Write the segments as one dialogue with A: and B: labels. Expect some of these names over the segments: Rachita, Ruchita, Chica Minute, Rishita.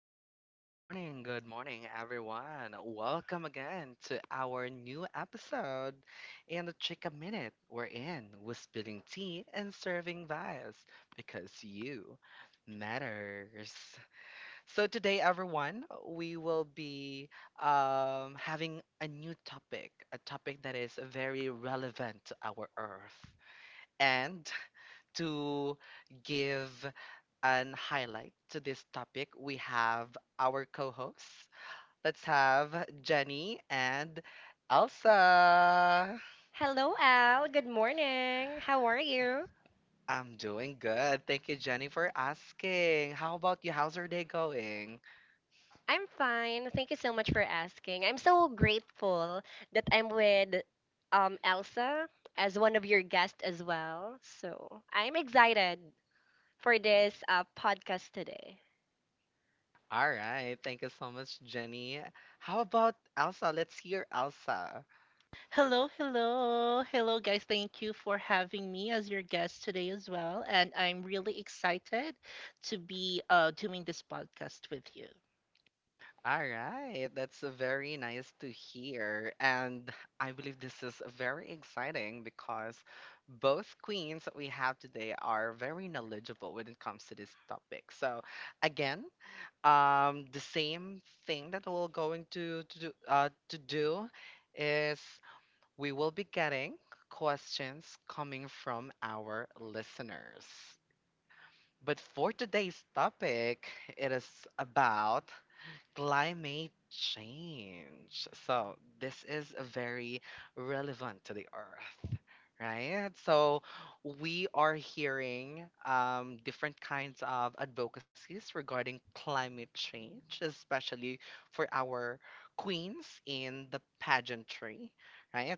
A: good morning, good morning, good morning, everyone. Welcome again to our new episode in the Chica Minute. We spilling tea and serving vibes because you matters. So today, everyone, we will be having a new topic, a topic that is very relevant to our Earth and to give and highlight to this topic, we have our co hosts. Let's have Jenny and Elsa.
B: Hello, Al. Good morning. How are you?
A: I'm doing good. Thank you, Jenny, for asking. How about you? How's your day going?
B: I'm fine. Thank you so much for asking. I'm so grateful that I'm with Elsa as one of your guests as well. So I'm excited for this podcast today.
A: All right. Thank you so much, Jenny. How about Elsa? Let's hear Elsa.
C: Hello, hello. Hello, guys. Thank you for having me as your guest today as well. And I'm really excited to be doing this podcast with you.
A: All right, that's very nice to hear. And I believe this is very exciting because both queens that we have today are very knowledgeable when it comes to this topic. So, again, the same thing that we're going to do is we will be getting questions coming from our listeners. But for today's topic, it is about climate change. So, this is very relevant to the earth. Right. So we are hearing different kinds of advocacies regarding climate change, especially for our queens in the pageantry. Right.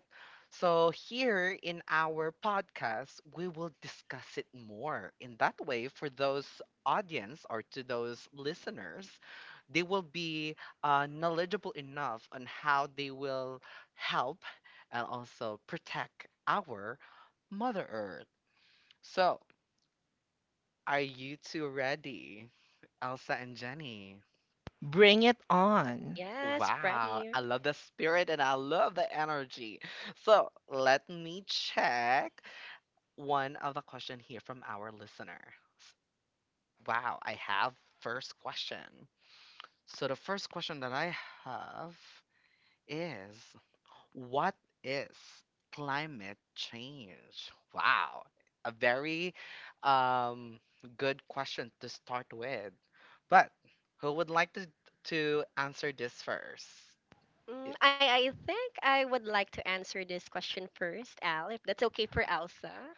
A: So here in our podcast, we will discuss it more. In that way, for those audience or to those listeners, they will be knowledgeable enough on how they will help and also protect our Mother Earth. So, are you two ready, Elsa and Jenny?
C: Bring it on.
B: Yes,
A: Wow, I
B: ready.
A: love the spirit and I love the energy. So, let me check one of the question here from our listener. S- Wow, I have first question. So, the first question that I have is, what is climate change? Wow, a very um, good question to start with. But who would like to answer this first?
B: Mm, I, I think I would like to answer this question first, Al, if that's okay for Elsa.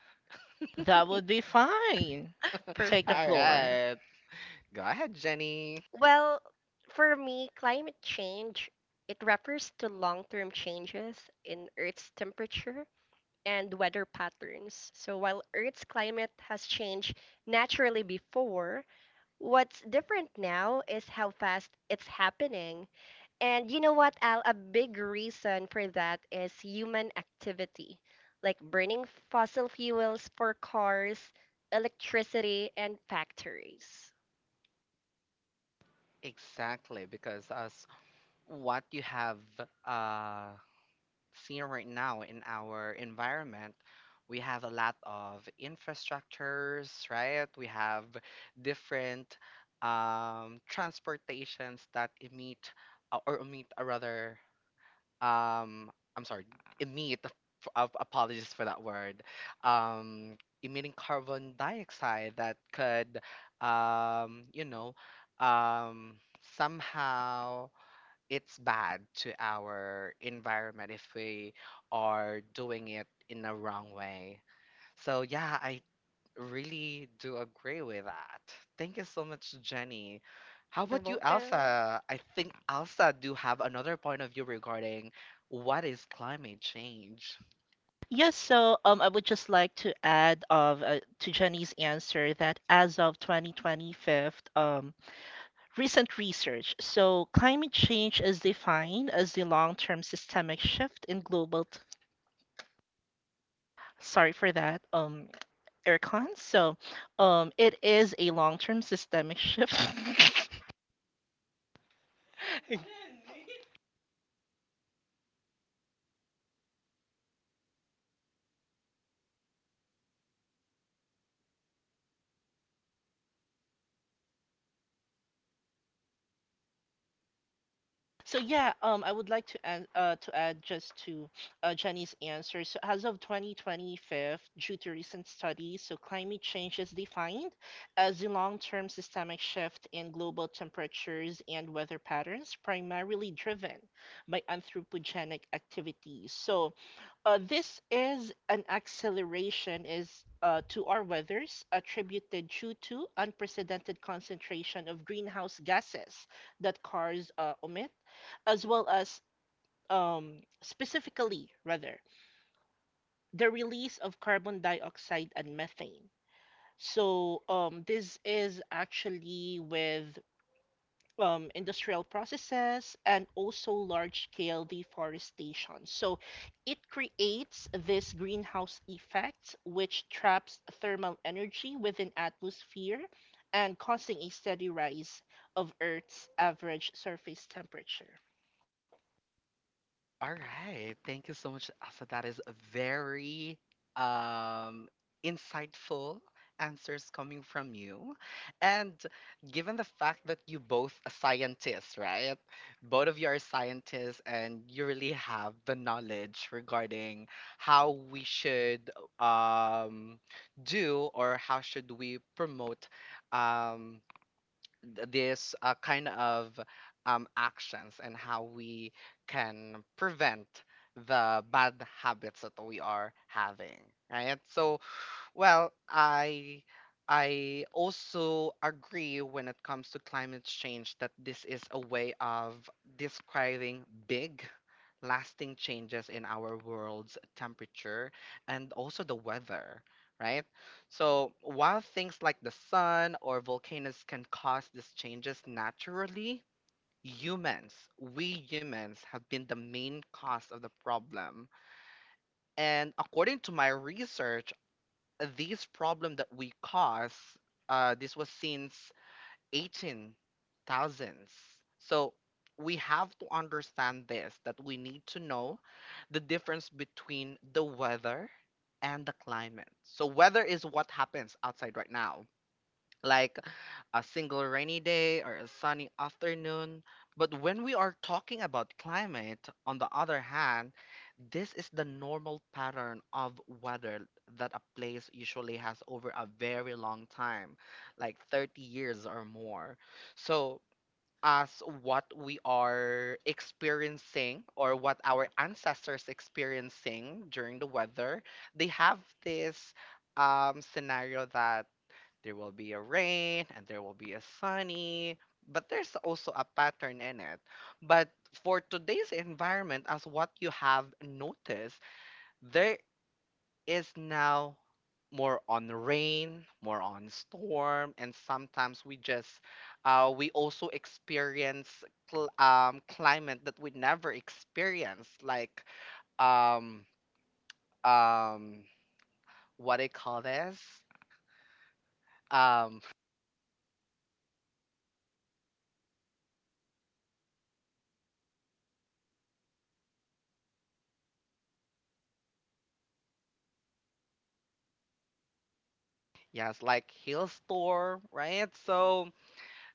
C: That would be fine. Take the
A: All
B: Perfect.
C: floor.
A: right, go ahead, Jenny.
B: Well, for me, climate change, it refers to long-term changes in Earth's temperature and weather patterns. So while Earth's climate has changed naturally before, what's different now is how fast it's happening. And you know what, Al? A big reason for that is human activity, like burning fossil fuels for cars, electricity, and factories.
A: Exactly, because as what you have uh, seeing right now in our environment, we have a lot of infrastructures, right? We have different transportations that emit or emit, or rather, um, I'm sorry, emit. Apologies for that word. Emitting carbon dioxide that could, um, you know, um, somehow it's bad to our environment if we are doing it in the wrong way. So yeah, I really do agree with that. Thank you so much, Jenny. How
B: You're
A: about you,
B: welcome.
A: Elsa? I think Elsa do have another point of view regarding what is climate change.
C: Yes, so I would just like to add of to Jenny's answer that as of 2025, recent research. So climate change is defined as the long-term systemic shift in global, t- sorry for that, aircon. So It is a long-term systemic shift. So I would like to add just to Jenny's answer. So as of 2025, due to recent studies, so climate change is defined as a long-term systemic shift in global temperatures and weather patterns, primarily driven by anthropogenic activities. This is an acceleration is to our weathers attributed due to unprecedented concentration of greenhouse gases that cars emit, as well as specifically rather the release of carbon dioxide and methane. So this is actually with industrial processes and also large-scale deforestation. So it creates this greenhouse effect, which traps thermal energy within atmosphere and causing a steady rise of Earth's average surface temperature.
A: All right. Thank you so much, Asa. That is a very um, insightful answers coming from you. And given the fact that you both are scientists, right? Both of you are scientists and you really have the knowledge regarding how we should um, do or how should we promote um, this kind of actions and how we can prevent the bad habits that we are having, right? So, well, I also agree when it comes to climate change that this is a way of describing big lasting changes in our world's temperature and also the weather, right? So, while things like the sun or volcanoes can cause these changes naturally, humans, we humans, have been the main cause of the problem. And according to my research, this problem that we cause, this was since 18 thousands. So we have to understand this that we need to know the difference between the weather and the climate. So weather is what happens outside right now, like a single rainy day or a sunny afternoon. But when we are talking about climate, on the other hand, this is the normal pattern of weather that a place usually has over a very long time, like 30 years or more. So, as what we are experiencing or what our ancestors experiencing during the weather, they have this scenario that there will be a rain and there will be a sunny, but there's also a pattern in it. But for today's environment, as what you have noticed, there is now more on rain, more on storm, and sometimes we just we also experience climate that we never experienced, like um um what do you call this? Um yes, like hailstorm, right? So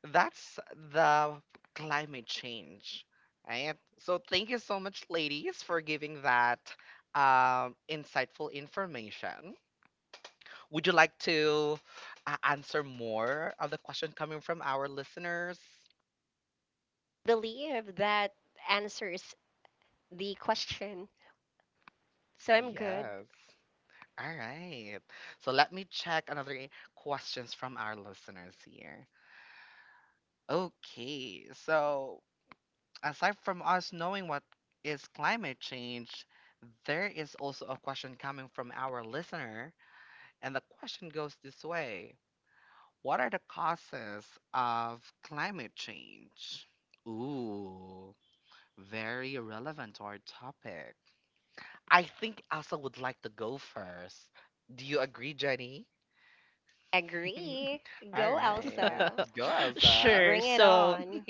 A: that's the climate change, right? So thank you so much, ladies, for giving that insightful information. Would you like to answer more of the question coming from our listeners?
B: Believe that answers the question. So I'm good.
A: Yes. All right. So let me check another questions from our listeners here. Okay, so aside from us knowing what is climate change, there is also a question coming from our listener, and the question goes this way, what are the causes of climate change? Ooh, very relevant to our topic. I think Asa would like to go first. Do you agree, Jenny?
B: Agree.
A: All
B: Go,
A: right,
B: Elsa.
A: go, Elsa.
C: Sure.
B: Bring it
C: So
B: on.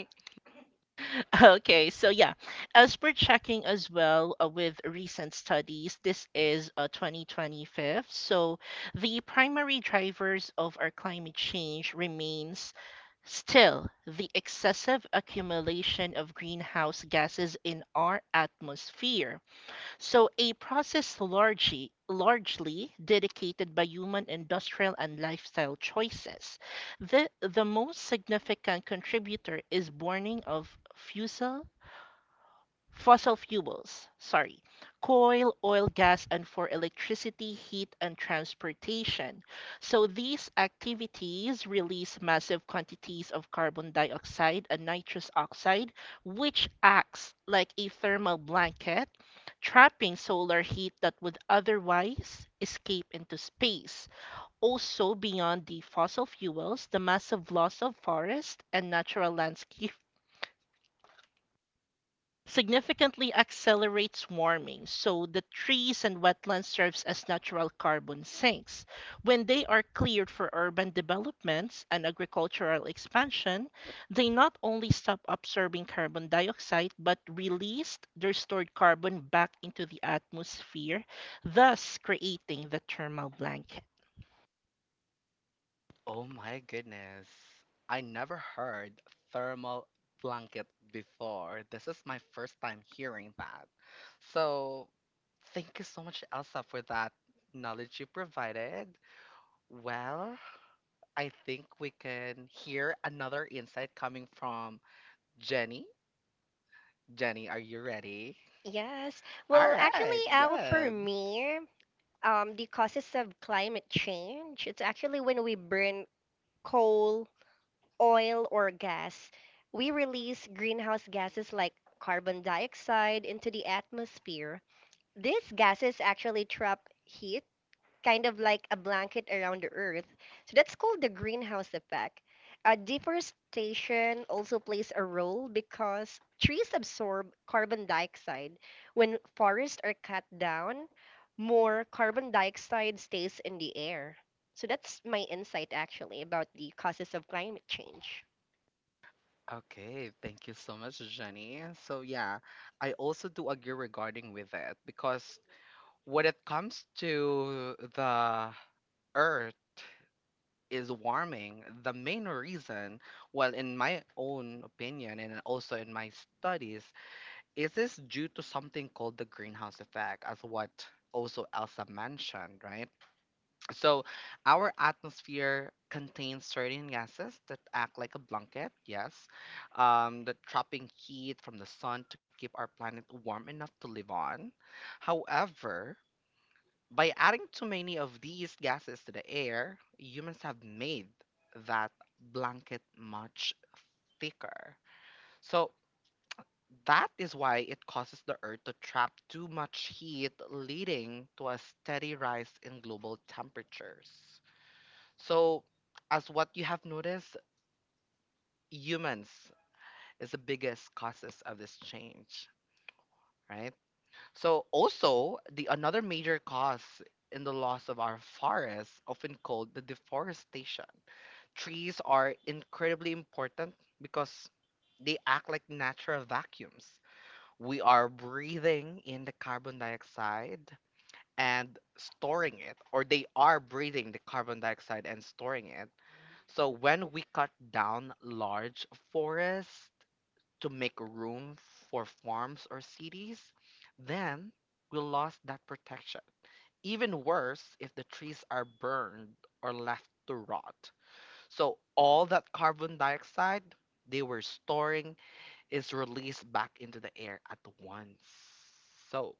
C: Okay, so yeah, as per checking as well with recent studies, this is 2025. So the primary drivers of our climate change remains still the excessive accumulation of greenhouse gases in our atmosphere. So a process largely dedicated by human industrial and lifestyle choices. The most significant contributor is burning of fossil fossil fuels, sorry, coal, oil, gas, and for electricity, heat, and transportation. So these activities release massive quantities of carbon dioxide and nitrous oxide, which acts like a thermal blanket, trapping solar heat that would otherwise escape into space. Also, beyond the fossil fuels, the massive loss of forest and natural landscape significantly accelerates warming. So the trees and wetlands serves as natural carbon sinks. When they are cleared for urban developments and agricultural expansion, they not only stop absorbing carbon dioxide but released their stored carbon back into the atmosphere, thus creating the thermal blanket.
A: Oh my goodness. I never heard thermal blanket before. This is my first time hearing that. So, thank you so much, Elsa, for that knowledge you provided. Well, I think we can hear another insight coming from Jenny. Jenny, are you ready?
B: Yes.
A: All
B: Well,
A: right,
B: actually, Al, for
A: good.
B: me, the causes of climate change, it's actually when we burn coal, oil, or gas. We release greenhouse gases like carbon dioxide into the atmosphere. These gases actually trap heat, kind of like a blanket around the Earth. So that's called the greenhouse effect. Deforestation also plays a role because trees absorb carbon dioxide. When forests are cut down, more carbon dioxide stays in the air. So that's my insight actually about the causes of climate change.
A: Okay, thank you so much, Jenny. So yeah, I also do agree regarding with it, because when it comes to the earth is warming, the main reason, well, in my own opinion and also in my studies, is this due to something called the greenhouse effect, as what also Elsa mentioned, right? So our atmosphere contains certain gases that act like a blanket, yes, that trapping heat from the sun to keep our planet warm enough to live on. However, by adding too many of these gases to the air, humans have made that blanket much thicker. So that is why it causes the Earth to trap too much heat, leading to a steady rise in global temperatures. So, as what you have noticed, humans is the biggest causes of this change, right? So also the another major cause in the loss of our forests, often called the deforestation. Trees are incredibly important because they act like natural vacuums. We are breathing in the carbon dioxide and storing it, or they are breathing the carbon dioxide and storing it. So when we cut down large forests to make room for farms or cities, then we lost that protection. Even worse if the trees are burned or left to rot. So all that carbon dioxide they were storing is released back into the air at once. So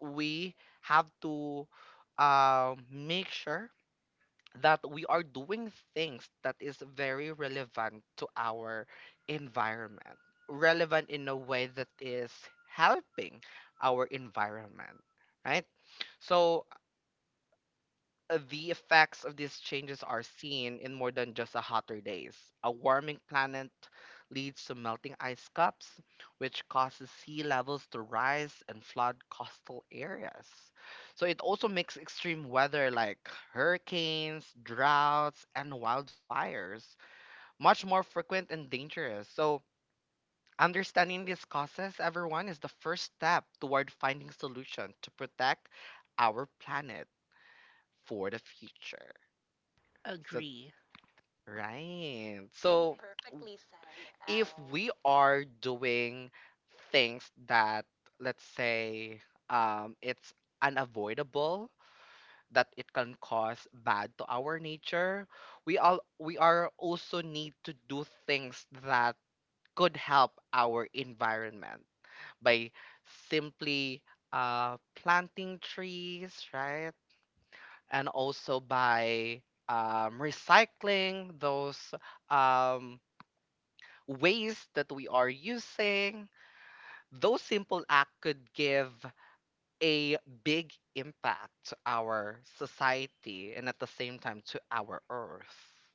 A: we have to make sure that we are doing things that is very relevant to our environment, relevant in a way that is helping our environment, right? So the effects of these changes are seen in more than just a hotter days. A warming planet leads to melting ice caps, which causes sea levels to rise and flood coastal areas. So it also makes extreme weather like hurricanes, droughts, and wildfires much more frequent and dangerous. So understanding these causes, everyone, is the first step toward finding solutions to protect our planet for the future. So,
C: Agree.
A: right. So if we are doing things that, let's say, it's unavoidable, that it can cause bad to our nature, we are also need to do things that could help our environment by simply planting trees, right? And also by recycling those um, ways that we are using, those simple acts could give a big impact to our society and at the same time to our earth.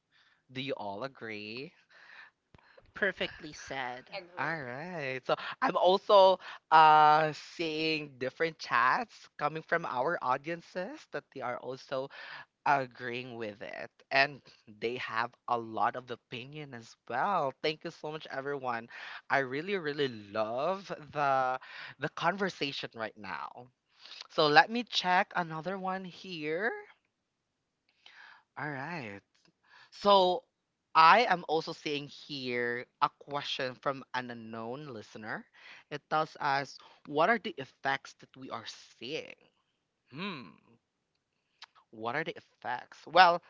A: Do you all agree?
C: Perfectly said.
A: All right. So I'm also seeing different chats coming from our audiences that they are also agreeing with it, and they have a lot of opinion as well. Thank you so much, everyone. I really really love the conversation right now. So let me check another one here. All right. So I am also seeing here a question from an unknown listener. It tells us, what are the effects that we are seeing? hmm what are the effects? Well,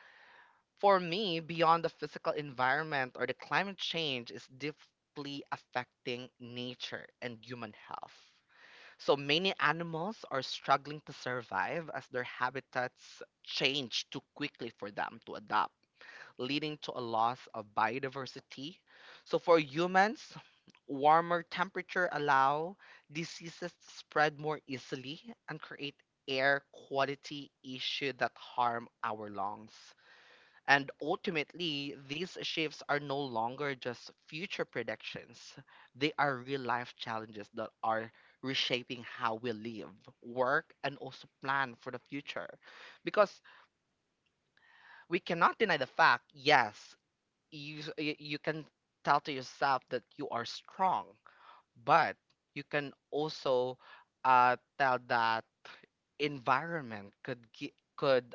A: for me, beyond the physical environment or the climate change is deeply affecting nature and human health. So many animals are struggling to survive as their habitats change too quickly for them to adapt, leading to a loss of biodiversity. So for humans, warmer temperature allow diseases to spread more easily and create air quality issue that harm our lungs. And ultimately, these shifts are no longer just future predictions. They are real life challenges that are reshaping how we live, work, and also plan for the future. Because we cannot deny the fact, yes, you, you can tell to yourself that you are strong, but you can also tell that environment could, could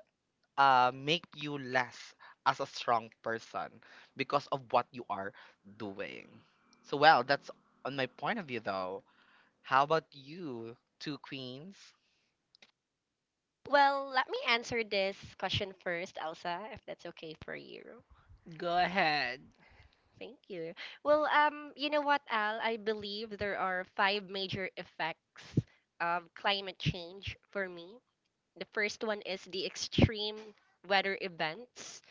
A: make you less as a strong person because of what you are doing. So, well, that's on my point of view, though. How about you, two queens?
B: Well, let me answer this question first, Elsa, if that's okay for you.
C: Go ahead.
B: Thank you. Well, you know what, Al? I believe there are five major effects of climate change for me. The first one is the extreme weather events,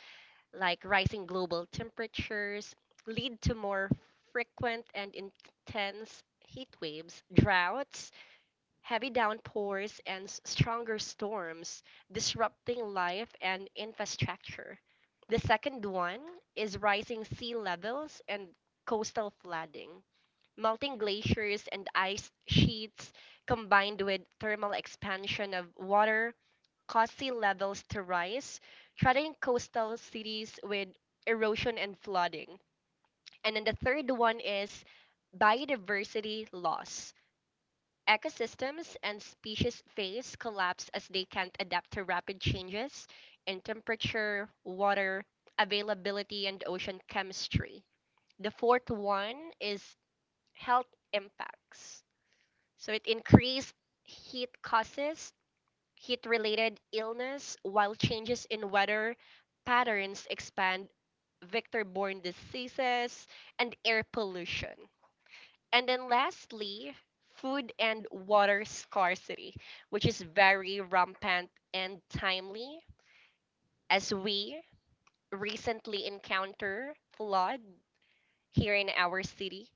B: like rising global temperatures, lead to more frequent and intense heat waves, droughts, heavy downpours, and stronger storms disrupting life and infrastructure. The second one is rising sea levels and coastal flooding. Melting glaciers and ice sheets combined with thermal expansion of water cause sea levels to rise, threatening coastal cities with erosion and flooding. And then the third one is biodiversity loss. Ecosystems and species phase collapse as they can't adapt to rapid changes in temperature, water availability, and ocean chemistry. The fourth one is health impacts. So it increased heat causes heat related illness, while changes in weather patterns expand vector borne diseases and air pollution. And then lastly, food and water scarcity, which is very rampant and timely as we recently encounter flood here in our city.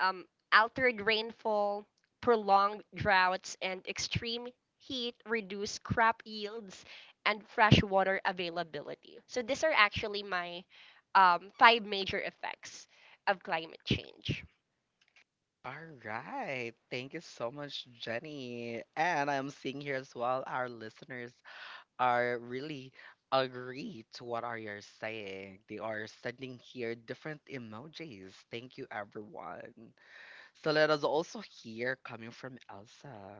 B: Um, Altered rainfall, prolonged droughts, and extreme heat reduce crop yields and freshwater availability. So these are actually my five major effects of climate change.
A: All right. Thank you so much, Jenny. And I'm seeing here as well, our listeners are really agree to what are you saying. They are sending here different emojis. Thank you, everyone. So let us also hear coming from Elsa.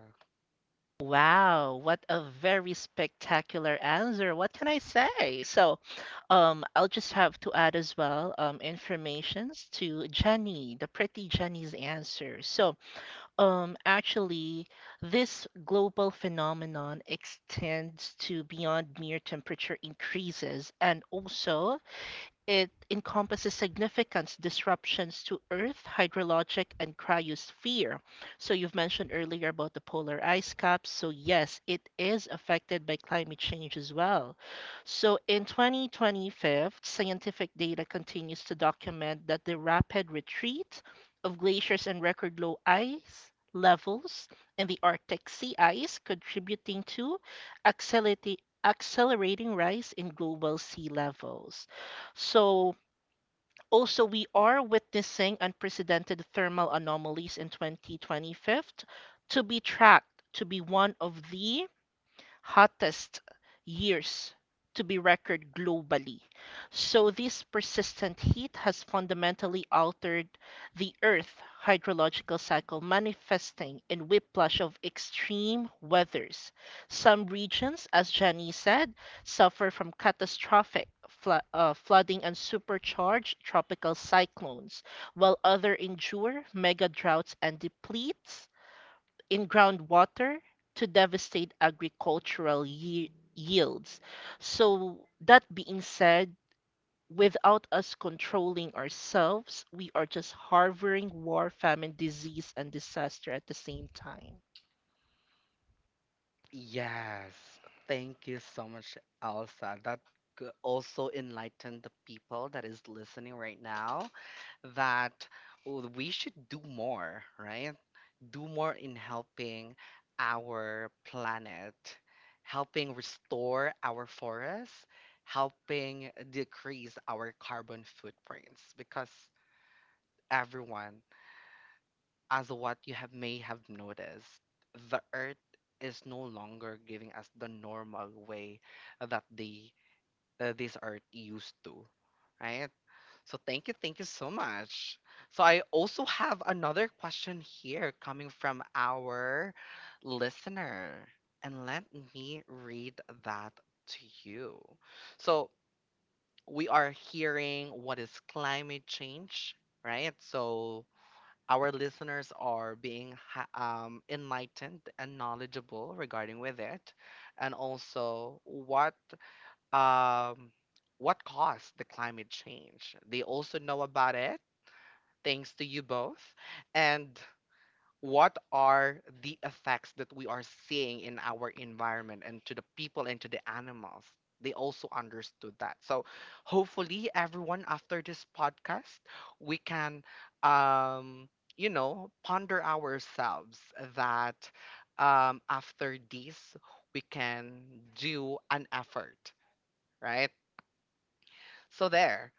C: Wow, what a very spectacular answer. What can I say? So, I'll just have to add as well, informations to Jenny, the pretty Jenny's answer. So, actually, this global phenomenon extends to beyond mere temperature increases and also it encompasses significant disruptions to Earth, hydrologic, and cryosphere. So, you've mentioned earlier about the polar ice caps. So, yes, it is affected by climate change as well. So, in 2025, scientific data continues to document that the rapid retreat of glaciers and record low ice levels in the Arctic sea ice contributing to accelerating accelerating rise in global sea levels. So also we are witnessing unprecedented thermal anomalies in 2025 to be tracked to be one of the hottest years to be recorded globally. So this persistent heat has fundamentally altered the Earth's hydrological cycle manifesting in whiplash of extreme weathers. Some regions, as Jenny said, suffer from catastrophic flooding and supercharged tropical cyclones, while others endure mega droughts and depletes in groundwater to devastate agricultural yields. So, that being said, without us controlling ourselves, we are just harboring war, famine, disease, and disaster at the same time.
A: Yes, thank you so much, Elsa. That could also enlightened the people that is listening right now that we should do more, right? Do more in helping our planet, helping restore our forests, helping decrease our carbon footprints because everyone, as what you have may have noticed, the earth is no longer giving us the normal way that they, this earth used to, right? So thank you so much. So I also have another question here coming from our listener, and let me read that to you. So we are hearing what is climate change, right? So our listeners are being enlightened and knowledgeable regarding with it, and also um, what caused the climate change. They also know about it thanks to you both, and what are the effects that we are seeing in our environment and to the people and to the animals they also understood that. So hopefully everyone after this podcast we can, um you know, ponder ourselves that, after this, we can do an effort, right? So there,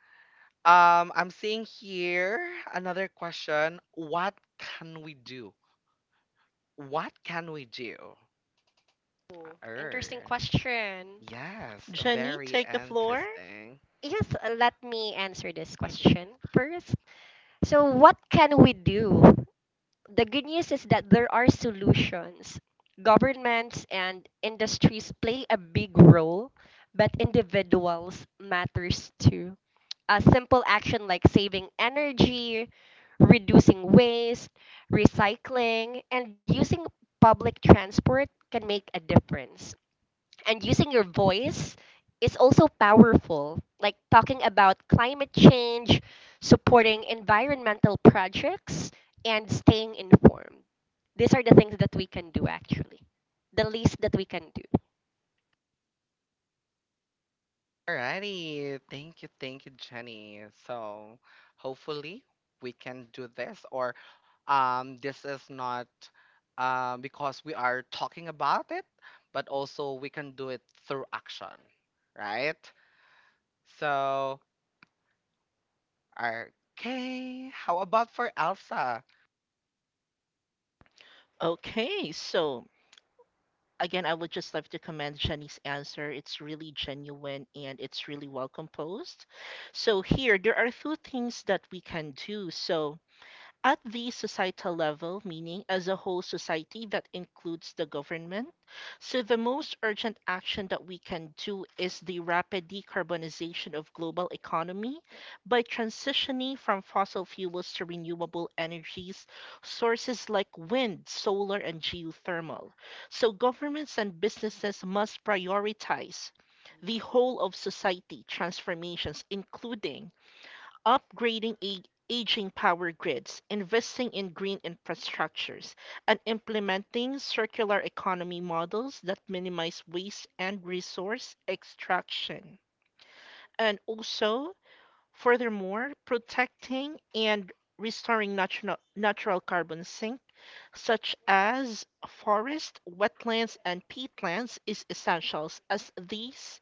A: I'm seeing here another question. What can we do? What can we do?
B: Ooh, interesting
A: Er,
B: question.
A: yes,
C: Jenny,
A: very
C: take the floor.
A: interesting.
B: Yes, let me answer this question first. So, what can we do? The good news is that there are solutions. Governments and industries play a big role, but individuals matters too. A simple action like saving energy, reducing waste, recycling, and using public transport can make a difference, and using your voice is also powerful, like talking about climate change, supporting environmental projects, and staying informed. These are the things that we can do actually, the least that we can do.
A: Alrighty, thank you, Jenny. So hopefully we can do this, or this is not, because we are talking about it, but also we can do it through action, right? So, okay, how about for Elsa?
C: Okay, so again, I would just like to commend Jenny's answer. It's really genuine and it's really well composed. So, here, there are two things that we can do. So, at the societal level, meaning as a whole society that includes the government, so the most urgent action that we can do is the rapid decarbonization of global economy by transitioning from fossil fuels to renewable energies sources like wind, solar and geothermal. So governments and businesses must prioritize the whole of society transformations, including upgrading aging power grids, investing in green infrastructures, and implementing circular economy models that minimize waste and resource extraction. And also, furthermore, protecting and restoring natural carbon sinks such as forest, wetlands, and peatlands, is essential as these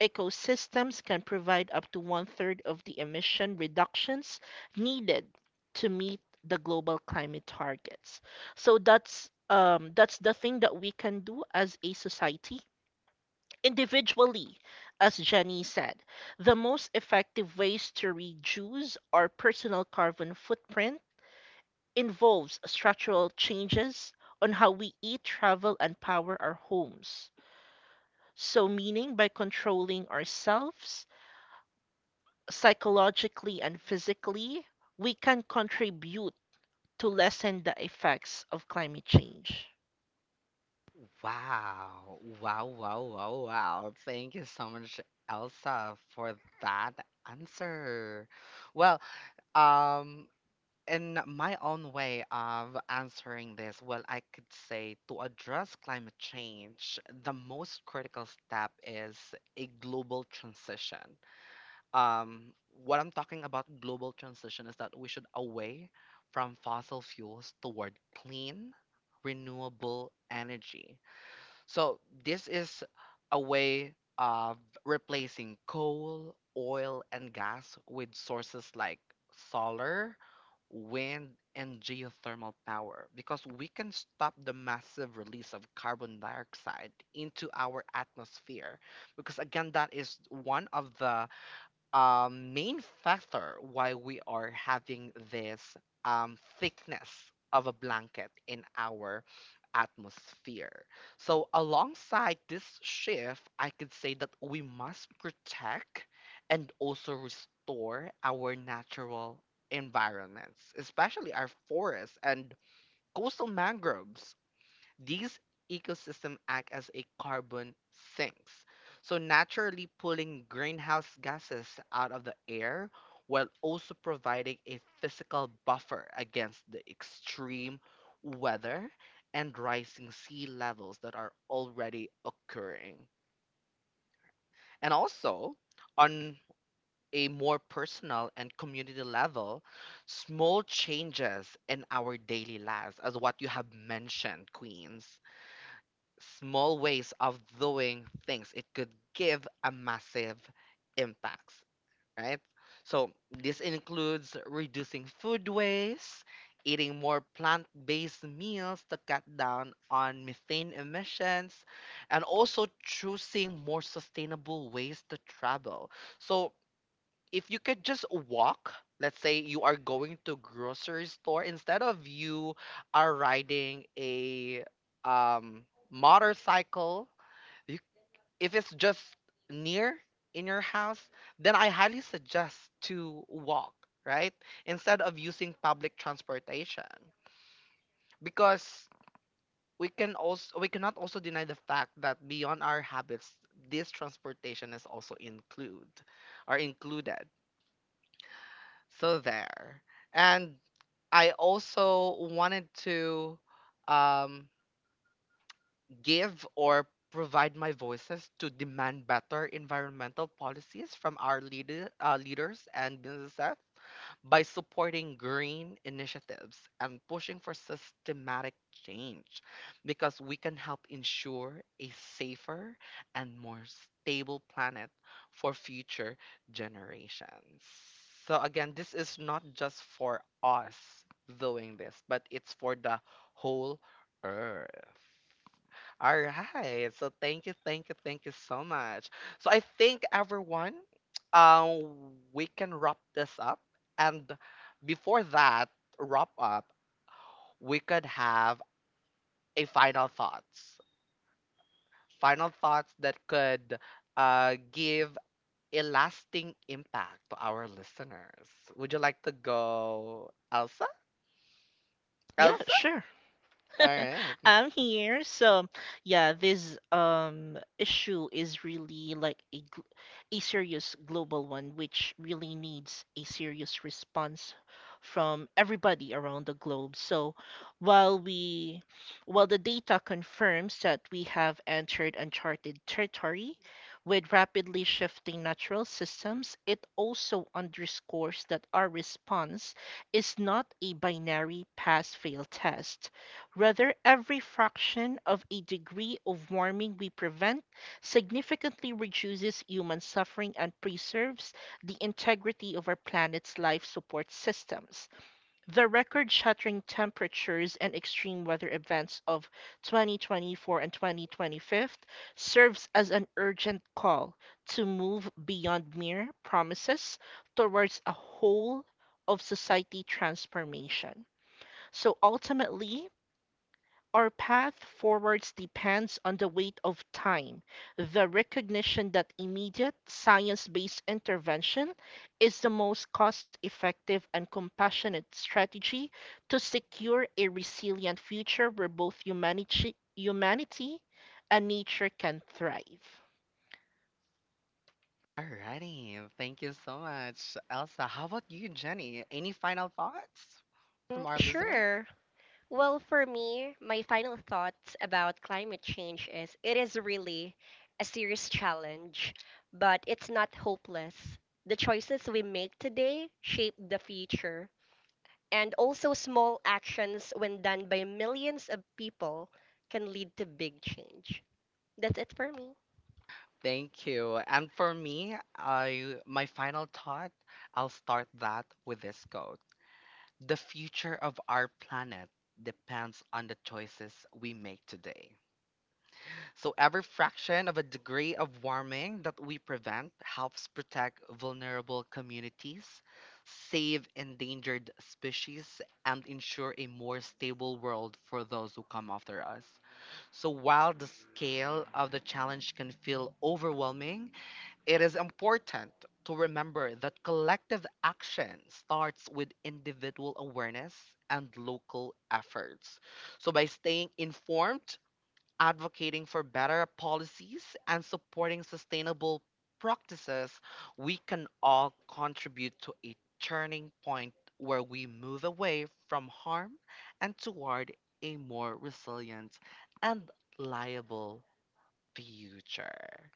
C: ecosystems can provide up to one third of the emission reductions needed to meet the global climate targets. So that's the thing that we can do as a society. Individually, as Jenny said, the most effective ways to reduce our personal carbon footprint involves structural changes on how we eat, travel, and power our homes. So, meaning by controlling ourselves psychologically and physically, we can contribute to lessen the effects of climate change.
A: Wow, wow, wow, wow, wow. Thank you so much, Elsa, for that answer. Well, um, in my own way of answering this, well, I could say to address climate change, the most critical step is a global transition. Um, what I'm talking about global transition is that we should away from fossil fuels toward clean, renewable energy. So this is a way of replacing coal, oil, and gas with sources like solar, wind, and geothermal power, because we can stop the massive release of carbon dioxide into our atmosphere. Because again, that is one of the main factor why we are having this thickness of a blanket in our atmosphere. So, alongside this shift, I could say that we must protect and also restore our natural environments, especially our forests and coastal mangroves. These ecosystems act as a carbon sinks, so naturally pulling greenhouse gases out of the air while also providing a physical buffer against the extreme weather and rising sea levels that are already occurring. And also, on a more personal and community level, small changes in our daily lives, as what you have mentioned, Queens, small ways of doing things, it could give a massive impact, right? So this includes reducing food waste, eating more plant-based meals to cut down on methane emissions, and also choosing more sustainable ways to travel. So if you could just walk, let's say you are going to grocery store instead of you are riding a um, motorcycle, you, if it's just near in your house, then I highly suggest to walk, right? Instead of using public transportation, because we can also, we cannot also deny the fact that beyond our habits, this transportation is also include, are included. So there. And I also wanted to um, give or provide my voices to demand better environmental policies from our leaders and businesses by supporting green initiatives and pushing for systematic change, because we can help ensure a safer and more stable planet for future generations. So, again, this is not just for us doing this, but it's for the whole earth. All right. So thank you, thank you, thank you so much. So I think everyone, we can wrap this up. And before that wrap up, we could have a final thoughts. Final thoughts that could, give a lasting impact to our listeners. Would you like to go, Elsa?
C: Yeah,
A: Elsa?
C: sure.
A: All right.
C: I'm here. So, yeah, this issue is really like a a serious global one, which really needs a serious response from everybody around the globe. So, while we while the data confirms that we have entered uncharted territory with rapidly shifting natural systems, it also underscores that our response is not a binary pass fail test. Rather, every fraction of a degree of warming we prevent significantly reduces human suffering and preserves the integrity of our planet's life support systems. The record shattering temperatures and extreme weather events of 2024 and 2025 serves as an urgent call to move beyond mere promises towards a whole of society transformation. So ultimately, our path forwards depends on the weight of time, the recognition that immediate science based intervention is the most cost effective and compassionate strategy to secure a resilient future where both humanity and nature can thrive.
A: Alrighty, thank you so much, Elsa. How about you, Jenny? Any final thoughts
B: Mm,
A: from our listener?
B: sure. Well, for me, my final thoughts about climate change is it is really a serious challenge, but it's not hopeless. The choices we make today shape the future. And also, small actions when done by millions of people can lead to big change. That's it for me.
A: Thank you. And for me, I my final thought, I'll start that with this quote. The future of our planet depends on the choices we make today. So every fraction of a degree of warming that we prevent helps protect vulnerable communities, save endangered species, and ensure a more stable world for those who come after us. So while the scale of the challenge can feel overwhelming, it is important to remember that collective action starts with individual awareness and local efforts. So by staying informed, advocating for better policies and supporting sustainable practices, we can all contribute to a turning point where we move away from harm and toward a more resilient and liable future.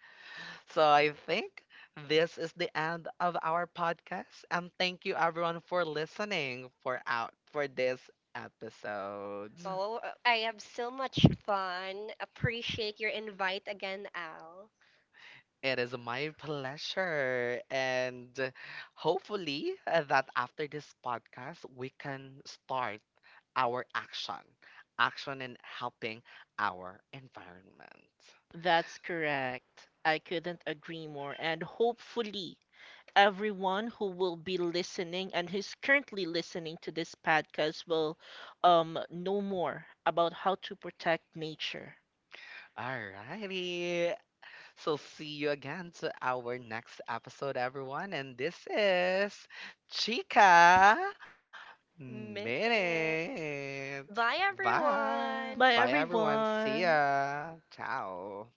A: So I think this is the end of our podcast, and thank you everyone for listening for out for this episode.
B: Oh, I have so much fun. Appreciate your invite again, Al.
A: It is my pleasure. And hopefully, that after this podcast, we can start our action, action in helping our environment.
C: That's correct. I couldn't agree more. And hopefully, everyone who will be listening and who's currently listening to this podcast will know more about how to protect nature.
A: Alrighty. So, see you again to our next episode, everyone. And this is Chica Minute.
B: Minute. Bye,
A: Bye.
B: everyone.
C: Bye,
A: Bye, everyone. See
C: everyone.
A: ya. Ciao.